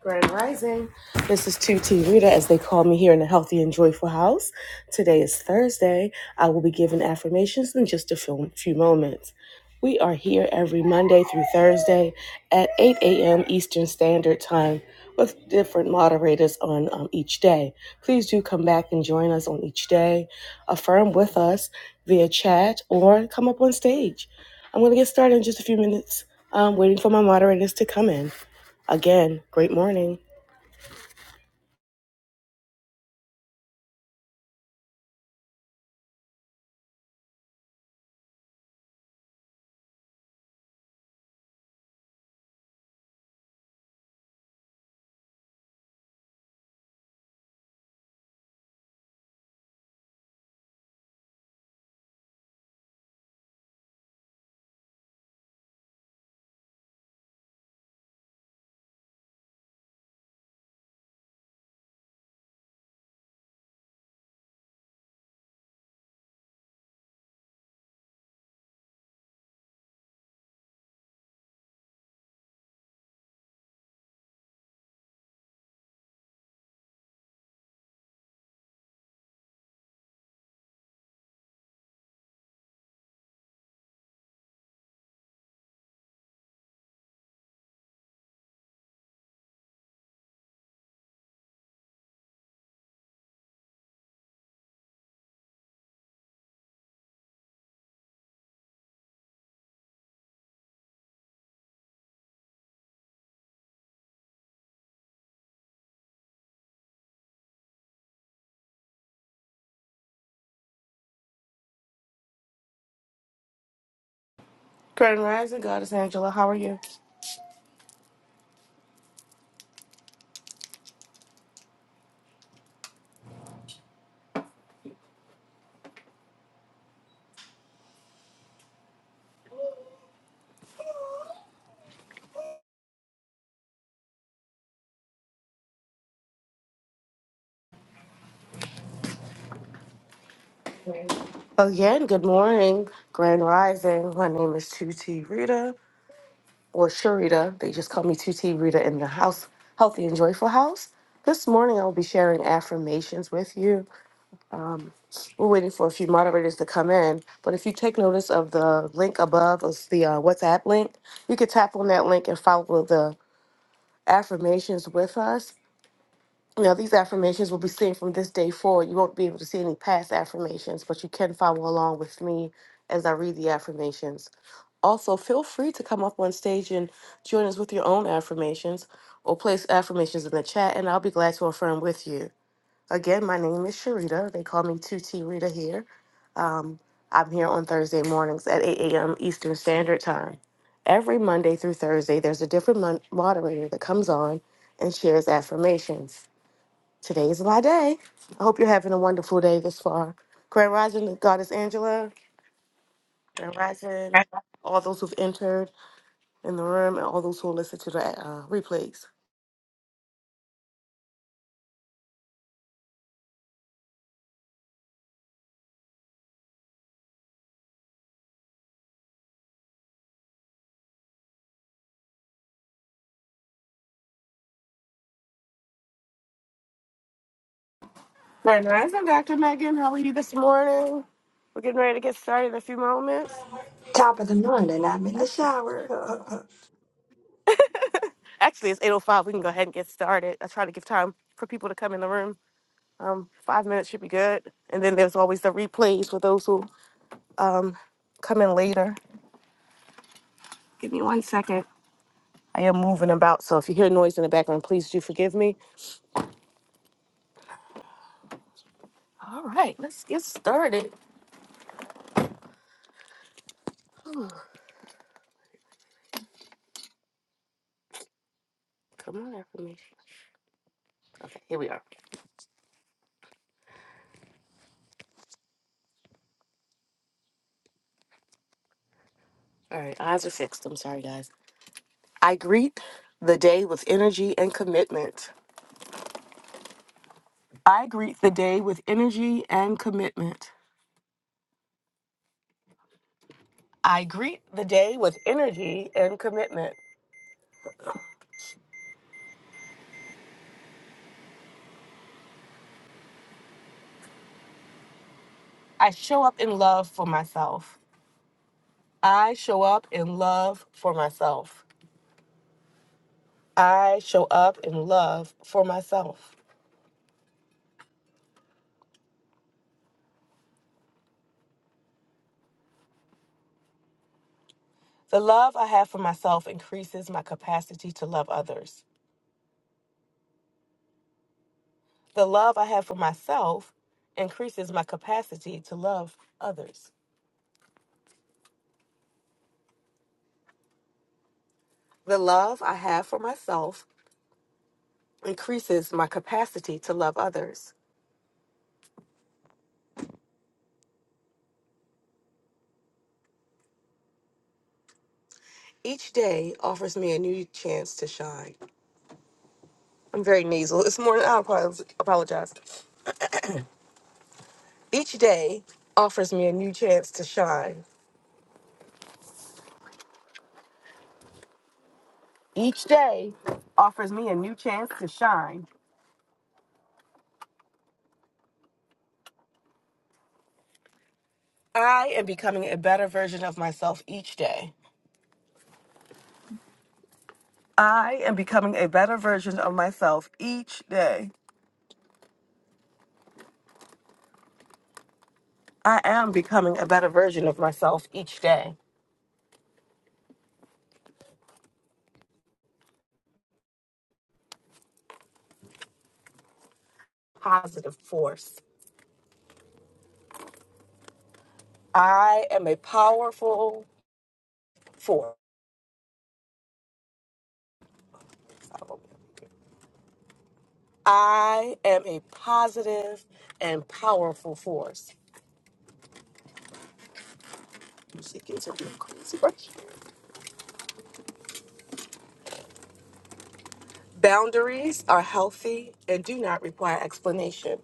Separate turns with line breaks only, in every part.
Grand Rising. This is 2T Rita, as they call me here in the Healthy and Joyful House. Today is Thursday. I will be giving affirmations in just a few few moments. We are here every Monday through Thursday at 8 a.m. Eastern Standard Time with different moderators on um, each day. Please do come back and join us on each day. Affirm with us via chat or come up on stage. I'm going to get started in just a few minutes, um, waiting for my moderators to come in. Again, great morning. Grand Rising Goddess Angela, how are you? Again, good morning. Grand Rising. My name is 2T Rita or Sharita. They just call me 2T Rita in the house, Healthy and Joyful House. This morning, I will be sharing affirmations with you. Um, we're waiting for a few moderators to come in, but if you take notice of the link above, it's the uh, WhatsApp link. You could tap on that link and follow the affirmations with us. Now, these affirmations will be seen from this day forward. You won't be able to see any past affirmations, but you can follow along with me as I read the affirmations. Also, feel free to come up on stage and join us with your own affirmations or place affirmations in the chat, and I'll be glad to affirm with you. Again, my name is Sharita. They call me 2T Rita here. I'm here on Thursday mornings at 8 a.m. Eastern Standard Time. Every Monday through Thursday, there's a different mon- moderator that comes on and shares affirmations. Today is my day. I hope you're having a wonderful day this far. Grand Rising, Goddess Angela, Grand Rising, all those who've entered in the room, and all those who will listen to the uh, replays. Grand Rising, Dr. Megan, how are you this morning? We're getting ready to get started in a few moments.
top of the morning. I'm in the
Actually,
shower. Uh, uh,
actually it's 8.05. We can go ahead and get started. I try to give time for people to come in the room. Um, five minutes should be good. And then there's always the replays for those who um, come in later. Give me one second. I am moving about, so if you hear noise in the background, please do forgive me. All right, let's get started. Come on, affirmation. Okay, here we are. All right, eyes are fixed. I'm sorry, guys. I greet the day with energy and commitment. I greet the day with energy and commitment. I greet the day with energy and commitment. I show up in love for myself. I show up in love for myself. I show up in love for myself. The love I have for myself increases my capacity to love others. The love I have for myself increases my capacity to love others. The love I have for myself increases my capacity to love others. Each day offers me a new chance to shine. I'm very nasal this morning. I apo- apologize. Each day offers me a new chance to shine. Each day offers me a new chance to shine. I am becoming a better version of myself each day. I am becoming a better version of myself each day. I am becoming a better version of myself each day. Positive force. I am a powerful force. I am a positive and powerful force. Music is a real crazy brush. Boundaries are healthy and do not require explanation.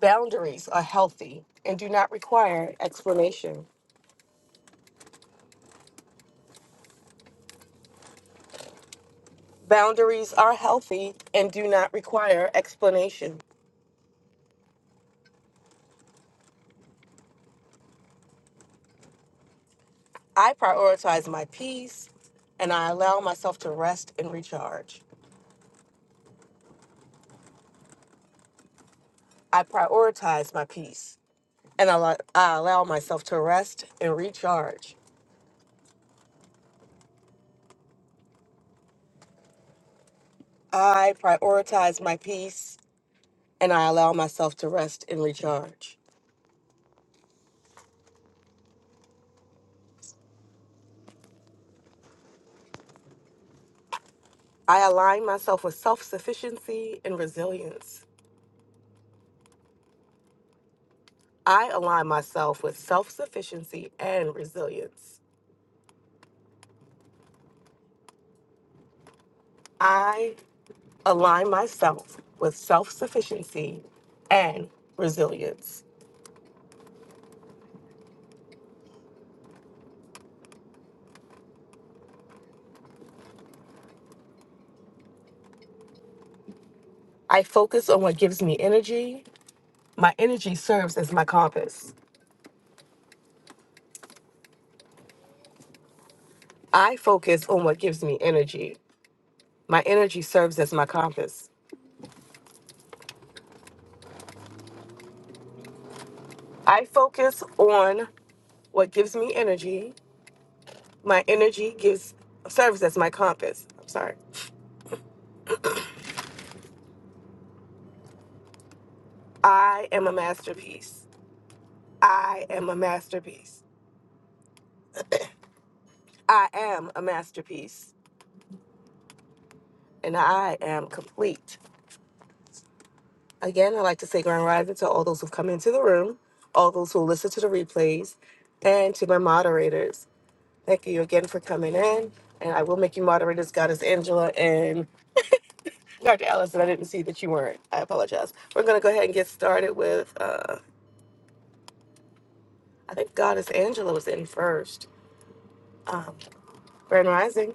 Boundaries are healthy and do not require explanation. Boundaries are healthy and do not require explanation. I prioritize my peace and I allow myself to rest and recharge. I prioritize my peace and I, lo- I allow myself to rest and recharge. I prioritize my peace and I allow myself to rest and recharge. I align myself with self sufficiency and resilience. I align myself with self sufficiency and resilience. I. align myself with self sufficiency and resilience. I focus on what gives me energy. My energy serves as my compass. I focus on what gives me energy. My energy serves as my compass. I focus on what gives me energy. My energy gives serves as my compass. I'm sorry. I am a masterpiece. I am a masterpiece. I am a masterpiece. And I am complete. Again, I'd like to say grand rising to all those who've come into the room, all those who listen to the replays, and to my moderators. Thank you again for coming in. And I will make you moderators, Goddess Angela and Dr. Allison. I didn't see that you weren't. I apologize. We're going to go ahead and get started with, uh, I think Goddess Angela was in first. Um, grand rising.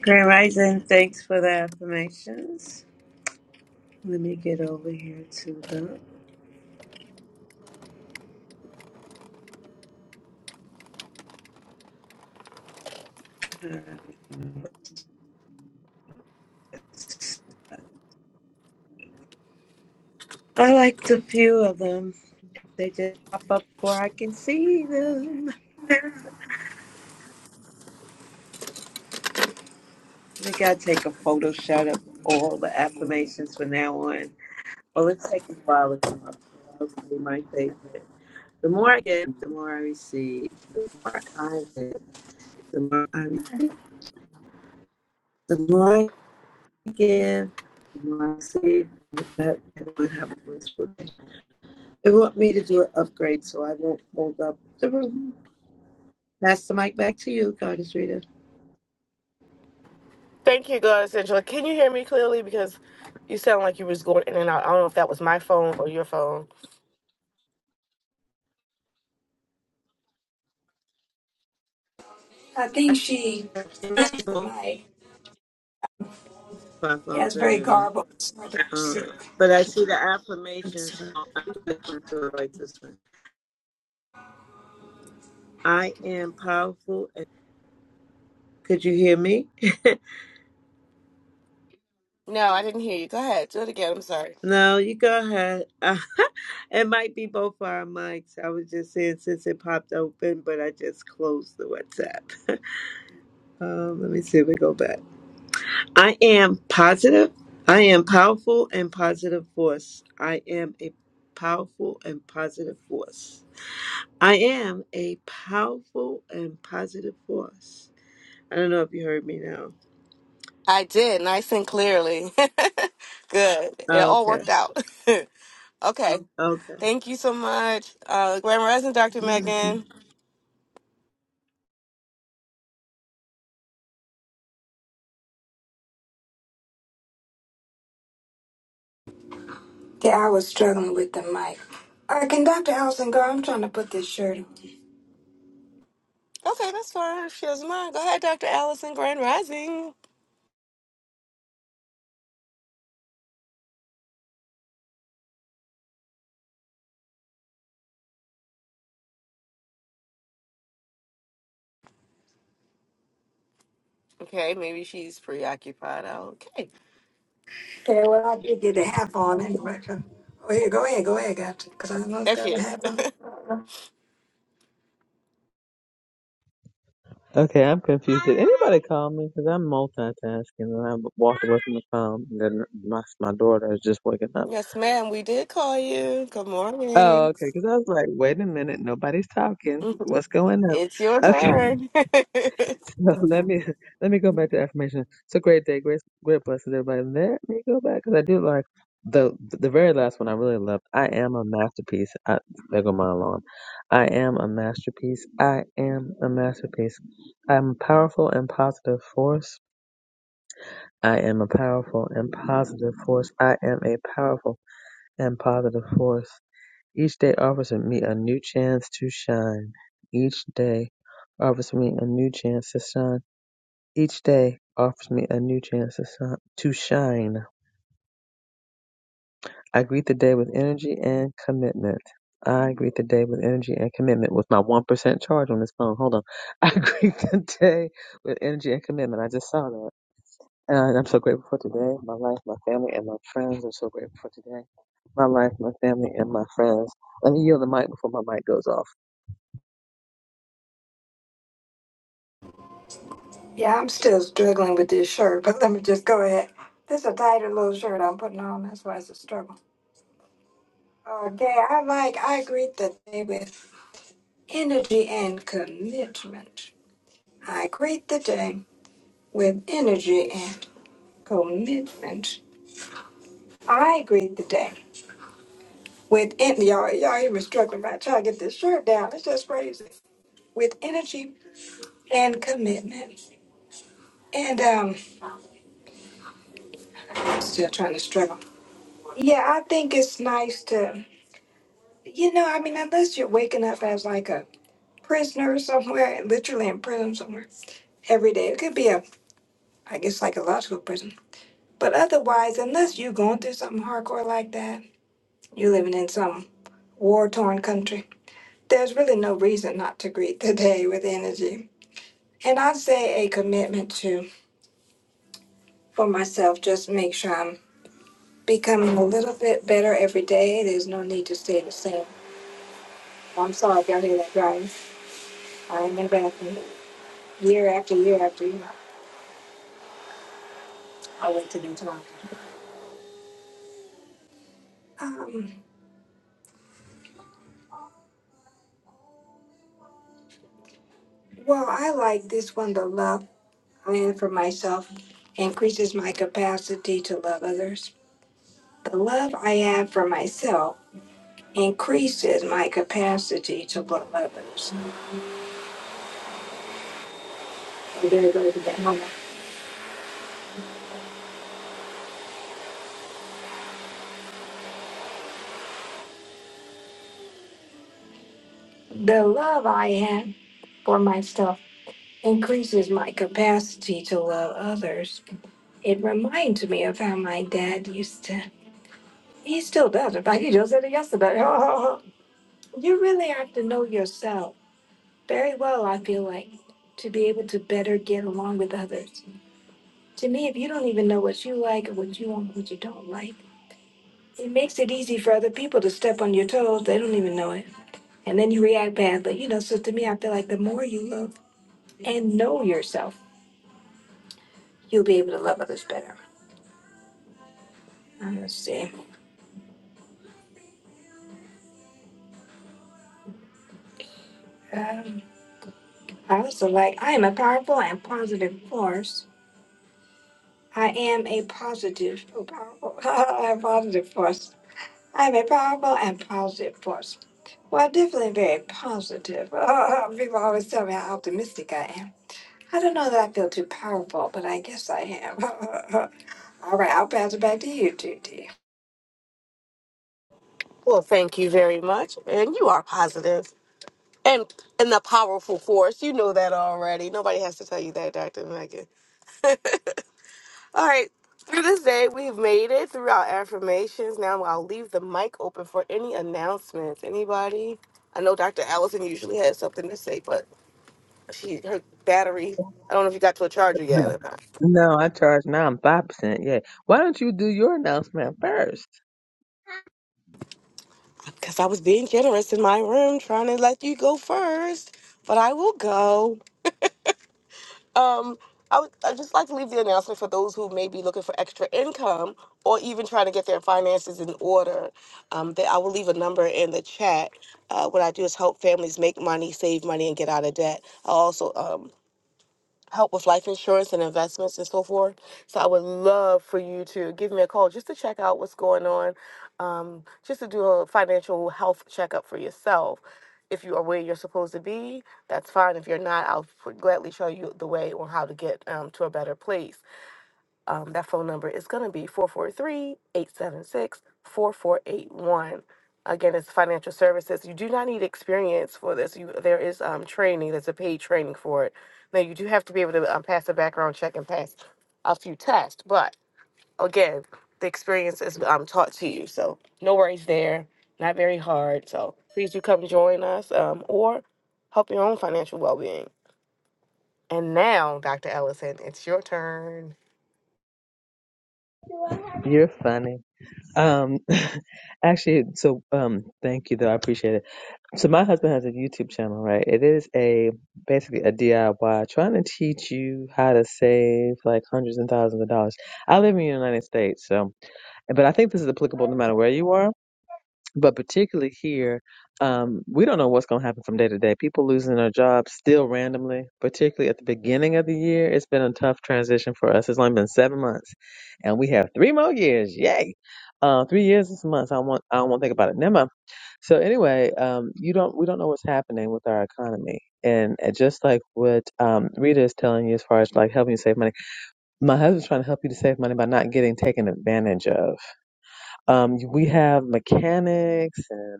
Grand Rising, thanks for the affirmations. Let me get over here to them. Uh, I liked a few of them. They just pop up before I can see them. I think I'll take a photo shot of all the affirmations from now on. Well, it's taking a while to come up, so I'll say my favorite. The more I give, the more I receive. The more I give, the more I receive. The more I give, the more I receive. With that, everyone have a wonderful day. They want me to do an upgrade so I won't hold up the room. Pass the mic back to you, Goddess Rita.
Thank you, Goddess Angela. Can you hear me clearly? Because you sound like you was going in and out. I don't know if that was my phone or your phone.
She passed the
Both
mic.
my
Yeah,
phones,
it's
da,
very garbled. It's hard
Uh, but I see the affirmations. I like this one. I am powerful. Could you hear me?
No, I didn't hear you. Go ahead. Do it again. I'm sorry.
No, you go ahead. Uh, it might be both our mics. I was just saying since it popped open, but I just closed the WhatsApp. um, let me see if we go back. I am positive. I am powerful and positive force. I am a powerful and positive force. I am a powerful and positive force. I don't know if you heard me now.
I did, nice and clearly. Good. It
Oh,
all
okay.
worked out. okay.
Okay.
Thank you so much, uh, Grand Rising, Dr. Megan.
Yeah, I was struggling with the mic. All right, can Dr. Allison go? I'm trying to put this shirt on.
Okay, that's fine. If she doesn't mind, go ahead, Dr. Allison, Grand Rising. Okay, maybe she's preoccupied. Okay.
Okay, well, I did get a half on anyway. so- Oh, yeah, go ahead, go ahead, gotcha. Because I almost
There she
got a
is.
half on.
Okay, I'm confused. Did anybody call me? Because I'm multitasking and I walked away from the phone. And then my my daughter is just waking up.
Yes, ma'am, we did call you. Good
Oh,
morning.
okay. Because I was like, wait a minute, nobody's talking. What's going on?
It's your
Okay,
turn.
so let me let me go back to affirmation. It's a great day, great great blessings, everybody. Let me go back because I do like the the very last one. I really loved. I am a masterpiece. I, there go my alarm. I am a masterpiece. I am a masterpiece. I'm a powerful and positive force. I am a powerful and positive force. I am a powerful and positive force. Each day offers me a new chance to shine. Each day offers me a new chance to shine. Each day offers me a new chance to shine. To shine. I greet the day with energy and commitment. I greet the day with energy and commitment with my 1% charge on this phone. Hold on. I greet the day with energy and commitment. I just saw that. And I'm so grateful for today, my life, my family, and my friends. I'm so grateful for today, my life, my family, and my friends. Let me yield the mic before my mic goes off.
Yeah, I'm still struggling with this shirt, but let me just go ahead. This is a tighter little shirt I'm putting on. That's why it's a struggle. Okay, I like, I greet the day with energy and commitment. I greet the day with energy and commitment. I greet the day with en- y'all. Y'all even struggling right trying to get this shirt down. It's just crazy. With energy and commitment, and um, still trying to struggle. Yeah, I think it's nice to, you know, I mean, unless you're waking up as like a prisoner somewhere, literally in prison somewhere every day. It could be a, I guess, psychological prison. But otherwise, unless you're going through something hardcore like that, you're living in some war torn country. There's really no reason not to greet the day with energy. And I'd say a commitment to, for myself, just make sure I'm becoming a little bit better every day. There's no need to stay the same. I'm sorry if y'all hear that driving. I am in the bathroom year after year after year. I'll wait till next time. Um, well, I like this one, the love I have for myself increases my capacity to love others. The love I have for myself increases my capacity to love others. The love I have for myself increases my capacity to love others. It reminds me of how my dad used to. He still does. In fact, he just said it yesterday. you really have to know yourself very well, I feel like, to be able to better get along with others. To me, if you don't even know what you like or what you want, what you don't like, it makes it easy for other people to step on your toes. They don't even know it. and then you react badly. You know, so to me, I feel like the more you love and know yourself, you'll be able to love others better. Uh, Let's see. Um, I also like, I am a powerful and positive force. I am a positive, oh, powerful, a positive force. I am a powerful and positive force. Well, I'm definitely very positive. people always tell me how optimistic I am. I don't know that I feel too powerful, but I guess I am. All right, I'll pass it back to you, TT.
well, thank you very much. And you are positive. and and a powerful force. You know that already. Nobody has to tell you that, Dr. Megan. All right. Through this day, we've made it through our affirmations. Now I'll leave the mic open for any announcements. Anybody? I know Dr. Allison usually has something to say, but she her battery. I don't know if you got to a charger yet
No,
or not.
no, I charge now. I'm five percent. Yeah. Why don't you do your announcement first?
Because I was being generous in my room, trying to let you go first. But I will go. Um, I would I'd just like to leave the announcement for those who may be looking for extra income or even trying to get their finances in order. Um, that I will leave a number in the chat. Uh, what I do is help families make money, save money, and get out of debt. I also um, help with life insurance and investments and so forth. So I would love for you to give me a call just to check out what's going on, um, just to do a financial health checkup for yourself. If you are where you're supposed to be, that's fine. If you're not, I'll f- gladly show you the way on how to get um, to a better place. Um, that phone number is going to be 443 876 4481. Again, it's financial services. You do not need experience for this. You, there is um, training, there's a paid training for it. Now, you do have to be able to um, pass a background check and pass a few tests, but again, the experience is um, taught to you. So, no worries there. Not very hard. So, please do come join us um, or help your own financial well being. And now, Dr. Ellison, it's your turn.
You're funny. Um, actually, so um, thank you though. I appreciate it. So my husband has a YouTube channel, right? It is a basically a DIY trying to teach you how to save like hundreds and thousands of dollars. I live in the United States, so but I think this is applicable no matter where you are But particularly here, um, we don't know what's going to happen from day to day. People losing their jobs still randomly, particularly at the beginning of the year. It's been a tough transition for us. It's only been seven months, and we have three more years. Yay! Uh, three years this month. I want. I do not want to think about it. Never. mind. So anyway, um, you don't. We don't know what's happening with our economy, and uh, just like what um, Rita is telling you as far as like helping you save money, my husband's trying to help you to save money by not getting taken advantage of um, we have mechanics and.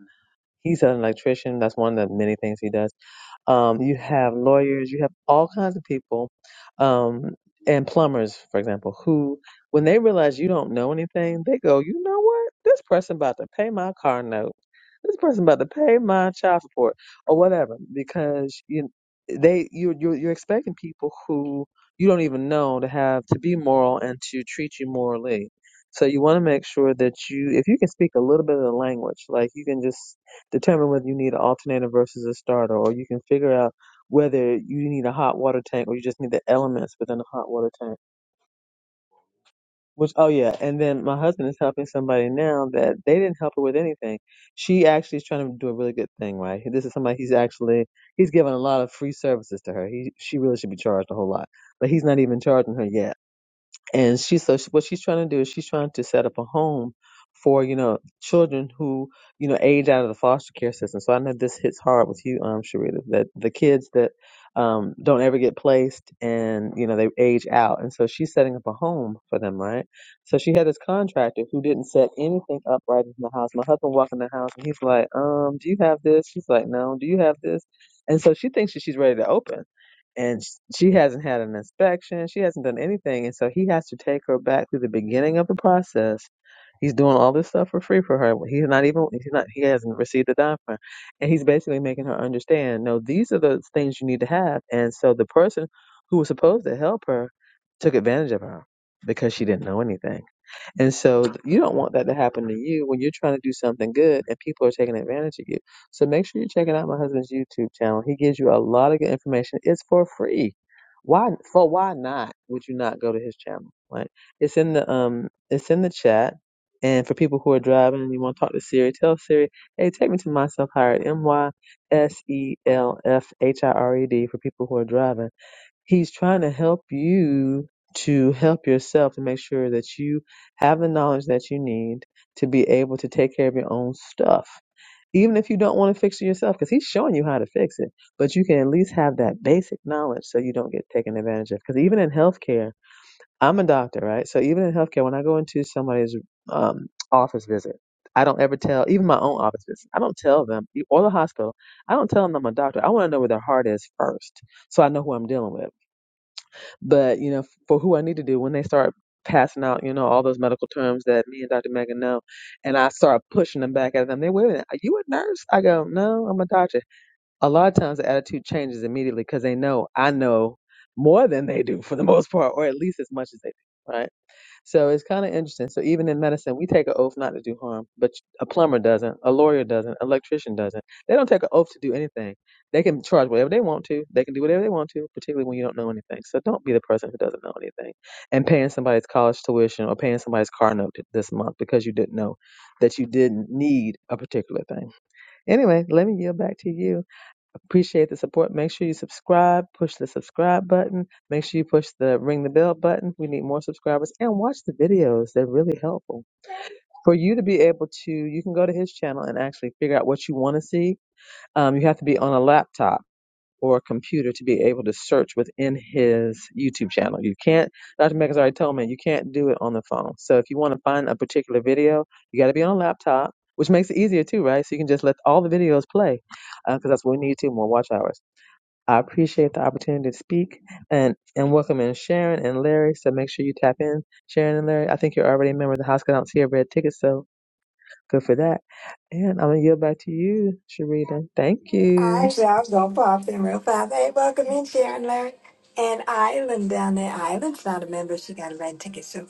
He's an electrician. That's one of the many things he does. Um, you have lawyers. You have all kinds of people, um, and plumbers, for example, who, when they realize you don't know anything, they go, you know what? This person about to pay my car note. This person about to pay my child support or whatever, because you, they, you, you're, you're expecting people who you don't even know to have to be moral and to treat you morally. So you want to make sure that you, if you can speak a little bit of the language, like you can just Determine whether you need an alternator versus a starter, or you can figure out whether you need a hot water tank or you just need the elements within a hot water tank. Which, oh yeah, and then my husband is helping somebody now that they didn't help her with anything. She actually is trying to do a really good thing, right? This is somebody he's actually he's giving a lot of free services to her. He she really should be charged a whole lot, but he's not even charging her yet and she so she, what she's trying to do is she's trying to set up a home for you know children who you know age out of the foster care system. So I know this hits hard with you, um, Sharita, that the kids that um don't ever get placed and you know they age out, and so she's setting up a home for them, right? So she had this contractor who didn't set anything up right in the house. My husband walked in the house and he's like, um, do you have this? She's like, no. Do you have this? And so she thinks that she's ready to open and sh- she hasn't had an inspection. She hasn't done anything, and so he has to take her back through the beginning of the process. He's doing all this stuff for free for her. He's not even he's not he hasn't received a dime from her, and he's basically making her understand. No, these are the things you need to have, and so the person who was supposed to help her took advantage of her because she didn't know anything. And so you don't want that to happen to you when you're trying to do something good and people are taking advantage of you. So make sure you're checking out my husband's YouTube channel. He gives you a lot of good information. It's for free. Why for why not would you not go to his channel? Like it's in the um it's in the chat. And for people who are driving and you want to talk to Siri, tell Siri, hey, take me to myself hired M Y S E L F H I R E D for people who are driving He's trying to help you to help yourself to make sure that you have the knowledge that you need to be able to take care of your own stuff. Even if you don't want to fix it yourself, because he's showing you how to fix it, but you can at least have that basic knowledge so you don't get taken advantage of. Because even in healthcare, I'm a doctor, right? So even in healthcare, when I go into somebody's um, office visit, I don't ever tell, even my own office visit, I don't tell them, or the hospital, I don't tell them I'm a doctor. I want to know where their heart is first so I know who I'm dealing with. But you know, for who I need to do when they start passing out, you know, all those medical terms that me and Dr. Megan know, and I start pushing them back at them. They wait a minute, are you a nurse? I go, no, I'm a doctor. A lot of times the attitude changes immediately because they know I know more than they do for the most part, or at least as much as they do, right? So it's kind of interesting. So even in medicine, we take an oath not to do harm, but a plumber doesn't, a lawyer doesn't, electrician doesn't. They don't take an oath to do anything. They can charge whatever they want to. They can do whatever they want to, particularly when you don't know anything. So don't be the person who doesn't know anything and paying somebody's college tuition or paying somebody's car note th- this month because you didn't know that you didn't need a particular thing. Anyway, let me yield back to you. Appreciate the support. Make sure you subscribe, push the subscribe button. Make sure you push the ring the bell button. We need more subscribers and watch the videos. They're really helpful. For you to be able to, you can go to his channel and actually figure out what you want to see. Um, you have to be on a laptop or a computer to be able to search within his YouTube channel. You can't, Dr. Megas already told me, you can't do it on the phone. So if you want to find a particular video, you got to be on a laptop, which makes it easier too, right? So you can just let all the videos play because that's what we need too, more watch hours. I appreciate the opportunity to speak and, and welcome in Sharon and Larry. So make sure you tap in, Sharon and Larry. I think you're already a member of the house, 'cause I don't see a red ticket, so good for that. And I'm going to yield back to you, Sharita. Thank you.
Actually, I was gonna pop in real fast. Hey, welcome in, Sharon Larry. And Island down there. Island's not a member. She got a red ticket. So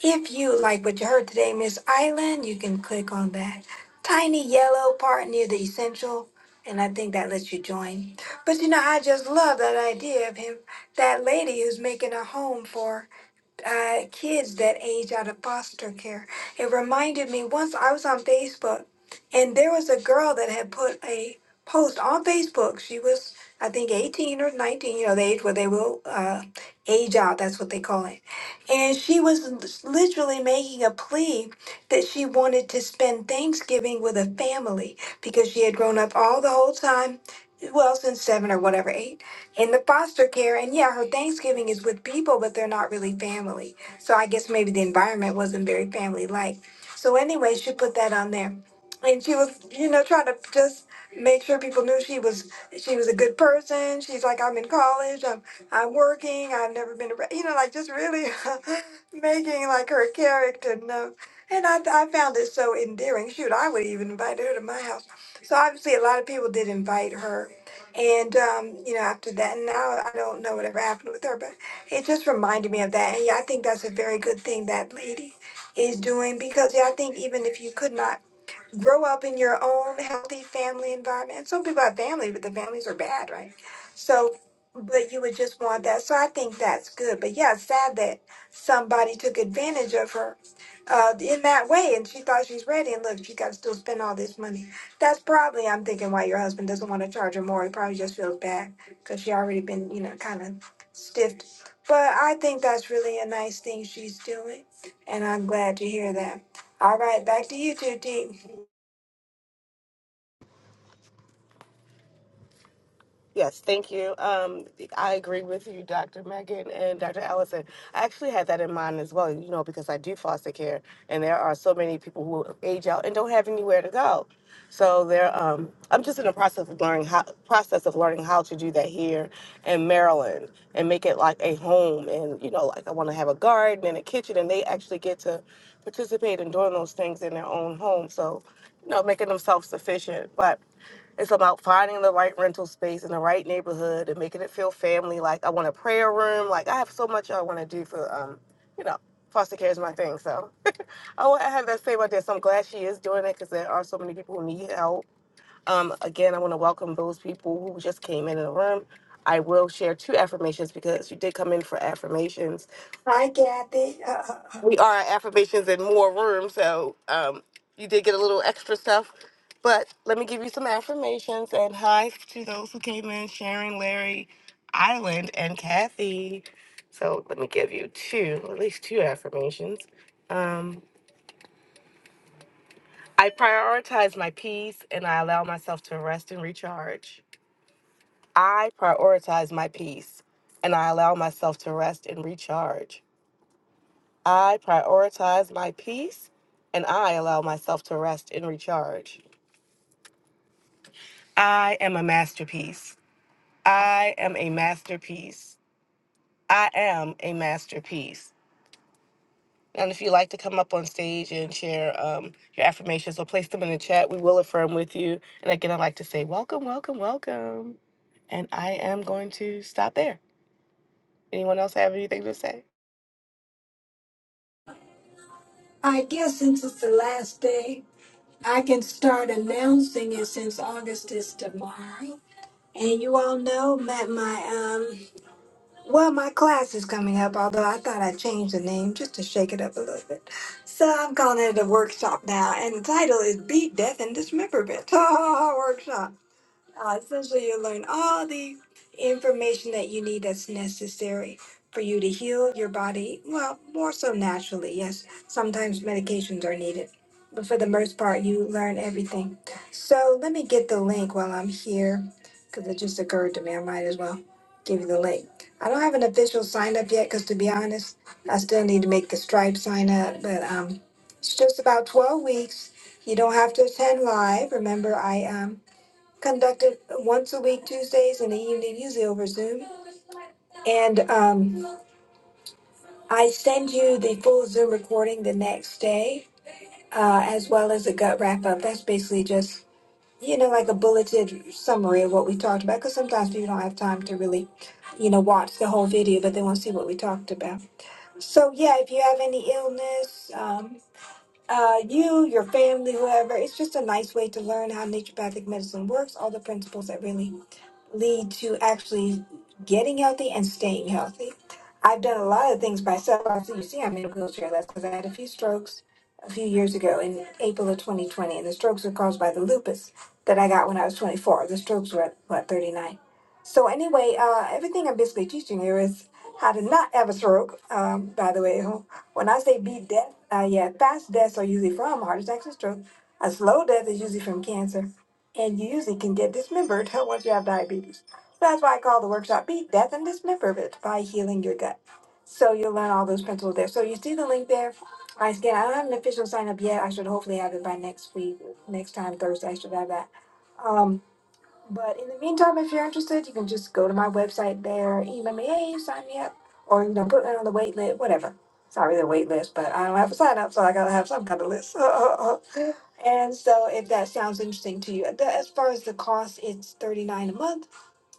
if you like what you heard today, Miss Island, you can click on that tiny yellow part near the essential. And I think that lets you join. But you know, I just love that idea of him, that lady who's making a home for uh, kids that age out of foster care. It reminded me once I was on Facebook, and there was a girl that had put a post on Facebook. She was, I think, 18 or 19, you know, the age where they will uh, age out. That's what they call it. And she was literally making a plea that she wanted to spend Thanksgiving with a family because she had grown up all the whole time, well, since seven or whatever, eight in the foster care and yeah her thanksgiving is with people but they're not really family so i guess maybe the environment wasn't very family like so anyway she put that on there and she was you know trying to just make sure people knew she was she was a good person she's like i'm in college i'm i'm working i've never been arre-" you know like just really making like her character know and I, I found it so endearing shoot i would even invite her to my house so obviously a lot of people did invite her and um, you know, after that, now I don't know whatever happened with her, but it just reminded me of that. And yeah, I think that's a very good thing that lady is doing because yeah, I think even if you could not grow up in your own healthy family environment. And Some people have family, but the families are bad, right? So, but you would just want that. So I think that's good. But yeah, it's sad that somebody took advantage of her uh, in that way, and she thought she's ready. And look, she got to still spend all this money. That's probably I'm thinking why your husband doesn't want to charge her more. He probably just feels bad because she already been you know kind of stiffed. But I think that's really a nice thing she's doing, and I'm glad to hear that. All right, back to you two, T.
Yes, thank you. Um, I agree with you, Dr. Megan and Dr. Allison. I actually had that in mind as well, you know, because I do foster care, and there are so many people who age out and don't have anywhere to go. So there, um, I'm just in the process of learning how process of learning how to do that here in Maryland and make it like a home, and you know, like I want to have a garden and a kitchen, and they actually get to participate in doing those things in their own home. So you know, making them self sufficient. But it's about finding the right rental space in the right neighborhood and making it feel family. Like I want a prayer room. Like I have so much I want to do for, um, you know, foster care is my thing. So I want to have that same idea. So I'm glad she is doing it because there are so many people who need help. Um, again, I want to welcome those people who just came in the room. I will share two affirmations because you did come in for affirmations
Hi, Kathy. Uh, uh, uh,
we are at affirmations in more room, so um, you did get a little extra stuff. But let me give you some affirmations and hi to those who came in: Sharon, Larry, Island, and Kathy. So let me give you two, at least two affirmations. Um, I prioritize my peace and I allow myself to rest and recharge. I prioritize my peace and I allow myself to rest and recharge. I prioritize my peace and I allow myself to rest and recharge. I am a masterpiece. I am a masterpiece. I am a masterpiece. And if you like to come up on stage and share um, your affirmations or place them in the chat, we will affirm with you. And again, I'd like to say welcome, welcome, welcome. And I am going to stop there. Anyone else have anything to say?
I guess since it's the last day, I can start announcing it since August is tomorrow. And you all know that my um, well, my class is coming up. Although I thought I would change the name just to shake it up a little bit, so I'm calling it a workshop now. And the title is "Beat Death and Dismemberment" workshop. Uh, essentially, you learn all the information that you need that's necessary for you to heal your body. Well, more so naturally, yes. Sometimes medications are needed. But for the most part, you learn everything. So let me get the link while I'm here because it just occurred to me. I might as well give you the link. I don't have an official sign up yet because, to be honest, I still need to make the Stripe sign up. But um, it's just about 12 weeks. You don't have to attend live. Remember, I. Um, conducted once a week Tuesdays in the evening, usually over Zoom. And um, I send you the full Zoom recording the next day, uh, as well as a gut wrap up. That's basically just, you know, like a bulleted summary of what we talked about, because sometimes people don't have time to really, you know, watch the whole video, but they want to see what we talked about. So, yeah, if you have any illness, um, uh, you, your family, whoever, it's just a nice way to learn how naturopathic medicine works, all the principles that really lead to actually getting healthy and staying healthy. I've done a lot of things myself. So you see, I'm in a wheelchair. That's because I had a few strokes a few years ago in April of 2020, and the strokes were caused by the lupus that I got when I was 24. The strokes were at what 39. So anyway, uh, everything I'm basically teaching you is how to not have a stroke. Um, by the way, when I say beat death, uh, yeah, fast deaths are usually from heart attacks and stroke. A slow death is usually from cancer and you usually can get dismembered once you have diabetes. So that's why I call the workshop Beat Death and Dismemberment by Healing Your Gut. So you'll learn all those principles there. So you see the link there. I again, I don't have an official sign up yet. I should hopefully have it by next week, next time Thursday. I should have that. Um, but in the meantime, if you're interested, you can just go to my website there, email me, hey, sign me up, or you know, put me on the wait list, whatever. It's not really a wait list, but I don't have a sign up, so I gotta have some kind of list. And so, if that sounds interesting to you, the- as far as the cost, it's thirty nine a month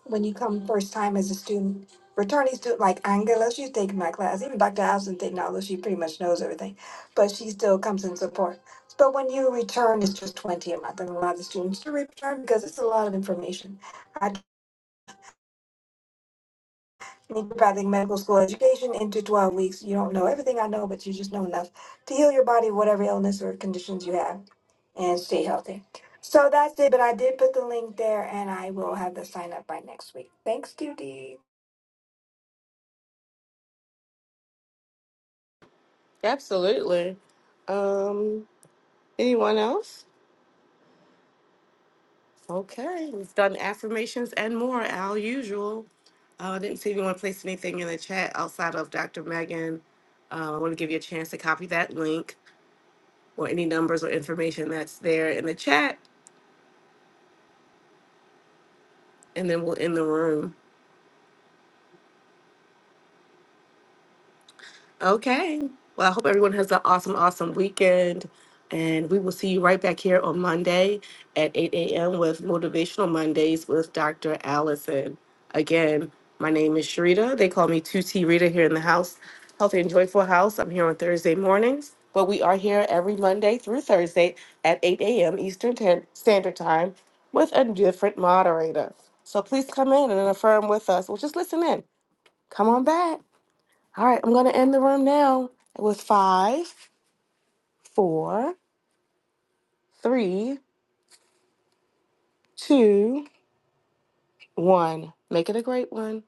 when you come first time as a student. Returning student like Angela, she's taking my class. Even Dr. Allison taking although she pretty much knows everything, but she still comes in support. But when you return, it's just twenty a month, and a lot of the students do return because it's a lot of information. I naturopathic medical school education into 12 weeks. You don't know everything I know, but you just know enough to heal your body, whatever illness or conditions you have, and stay healthy. So that's it. But I did put the link there, and I will have the sign up by next week. Thanks, Judy.
Absolutely. Um, anyone else? Okay, we've done affirmations and more, our usual. Uh, I didn't see if you want to place anything in the chat outside of Dr. Megan. Uh, I want to give you a chance to copy that link or any numbers or information that's there in the chat, and then we'll end the room. Okay. Well, I hope everyone has an awesome, awesome weekend. And we will see you right back here on Monday at 8 a.m. with Motivational Mondays with Dr. Allison. Again, my name is Sharita. They call me 2T Rita here in the house, Healthy and Joyful House. I'm here on Thursday mornings, but we are here every Monday through Thursday at 8 a.m. Eastern Tan- Standard Time with a different moderator. So please come in and affirm with us. Well, just listen in. Come on back. All right, I'm going to end the room now with five, four, three, two, one. Make it a great one.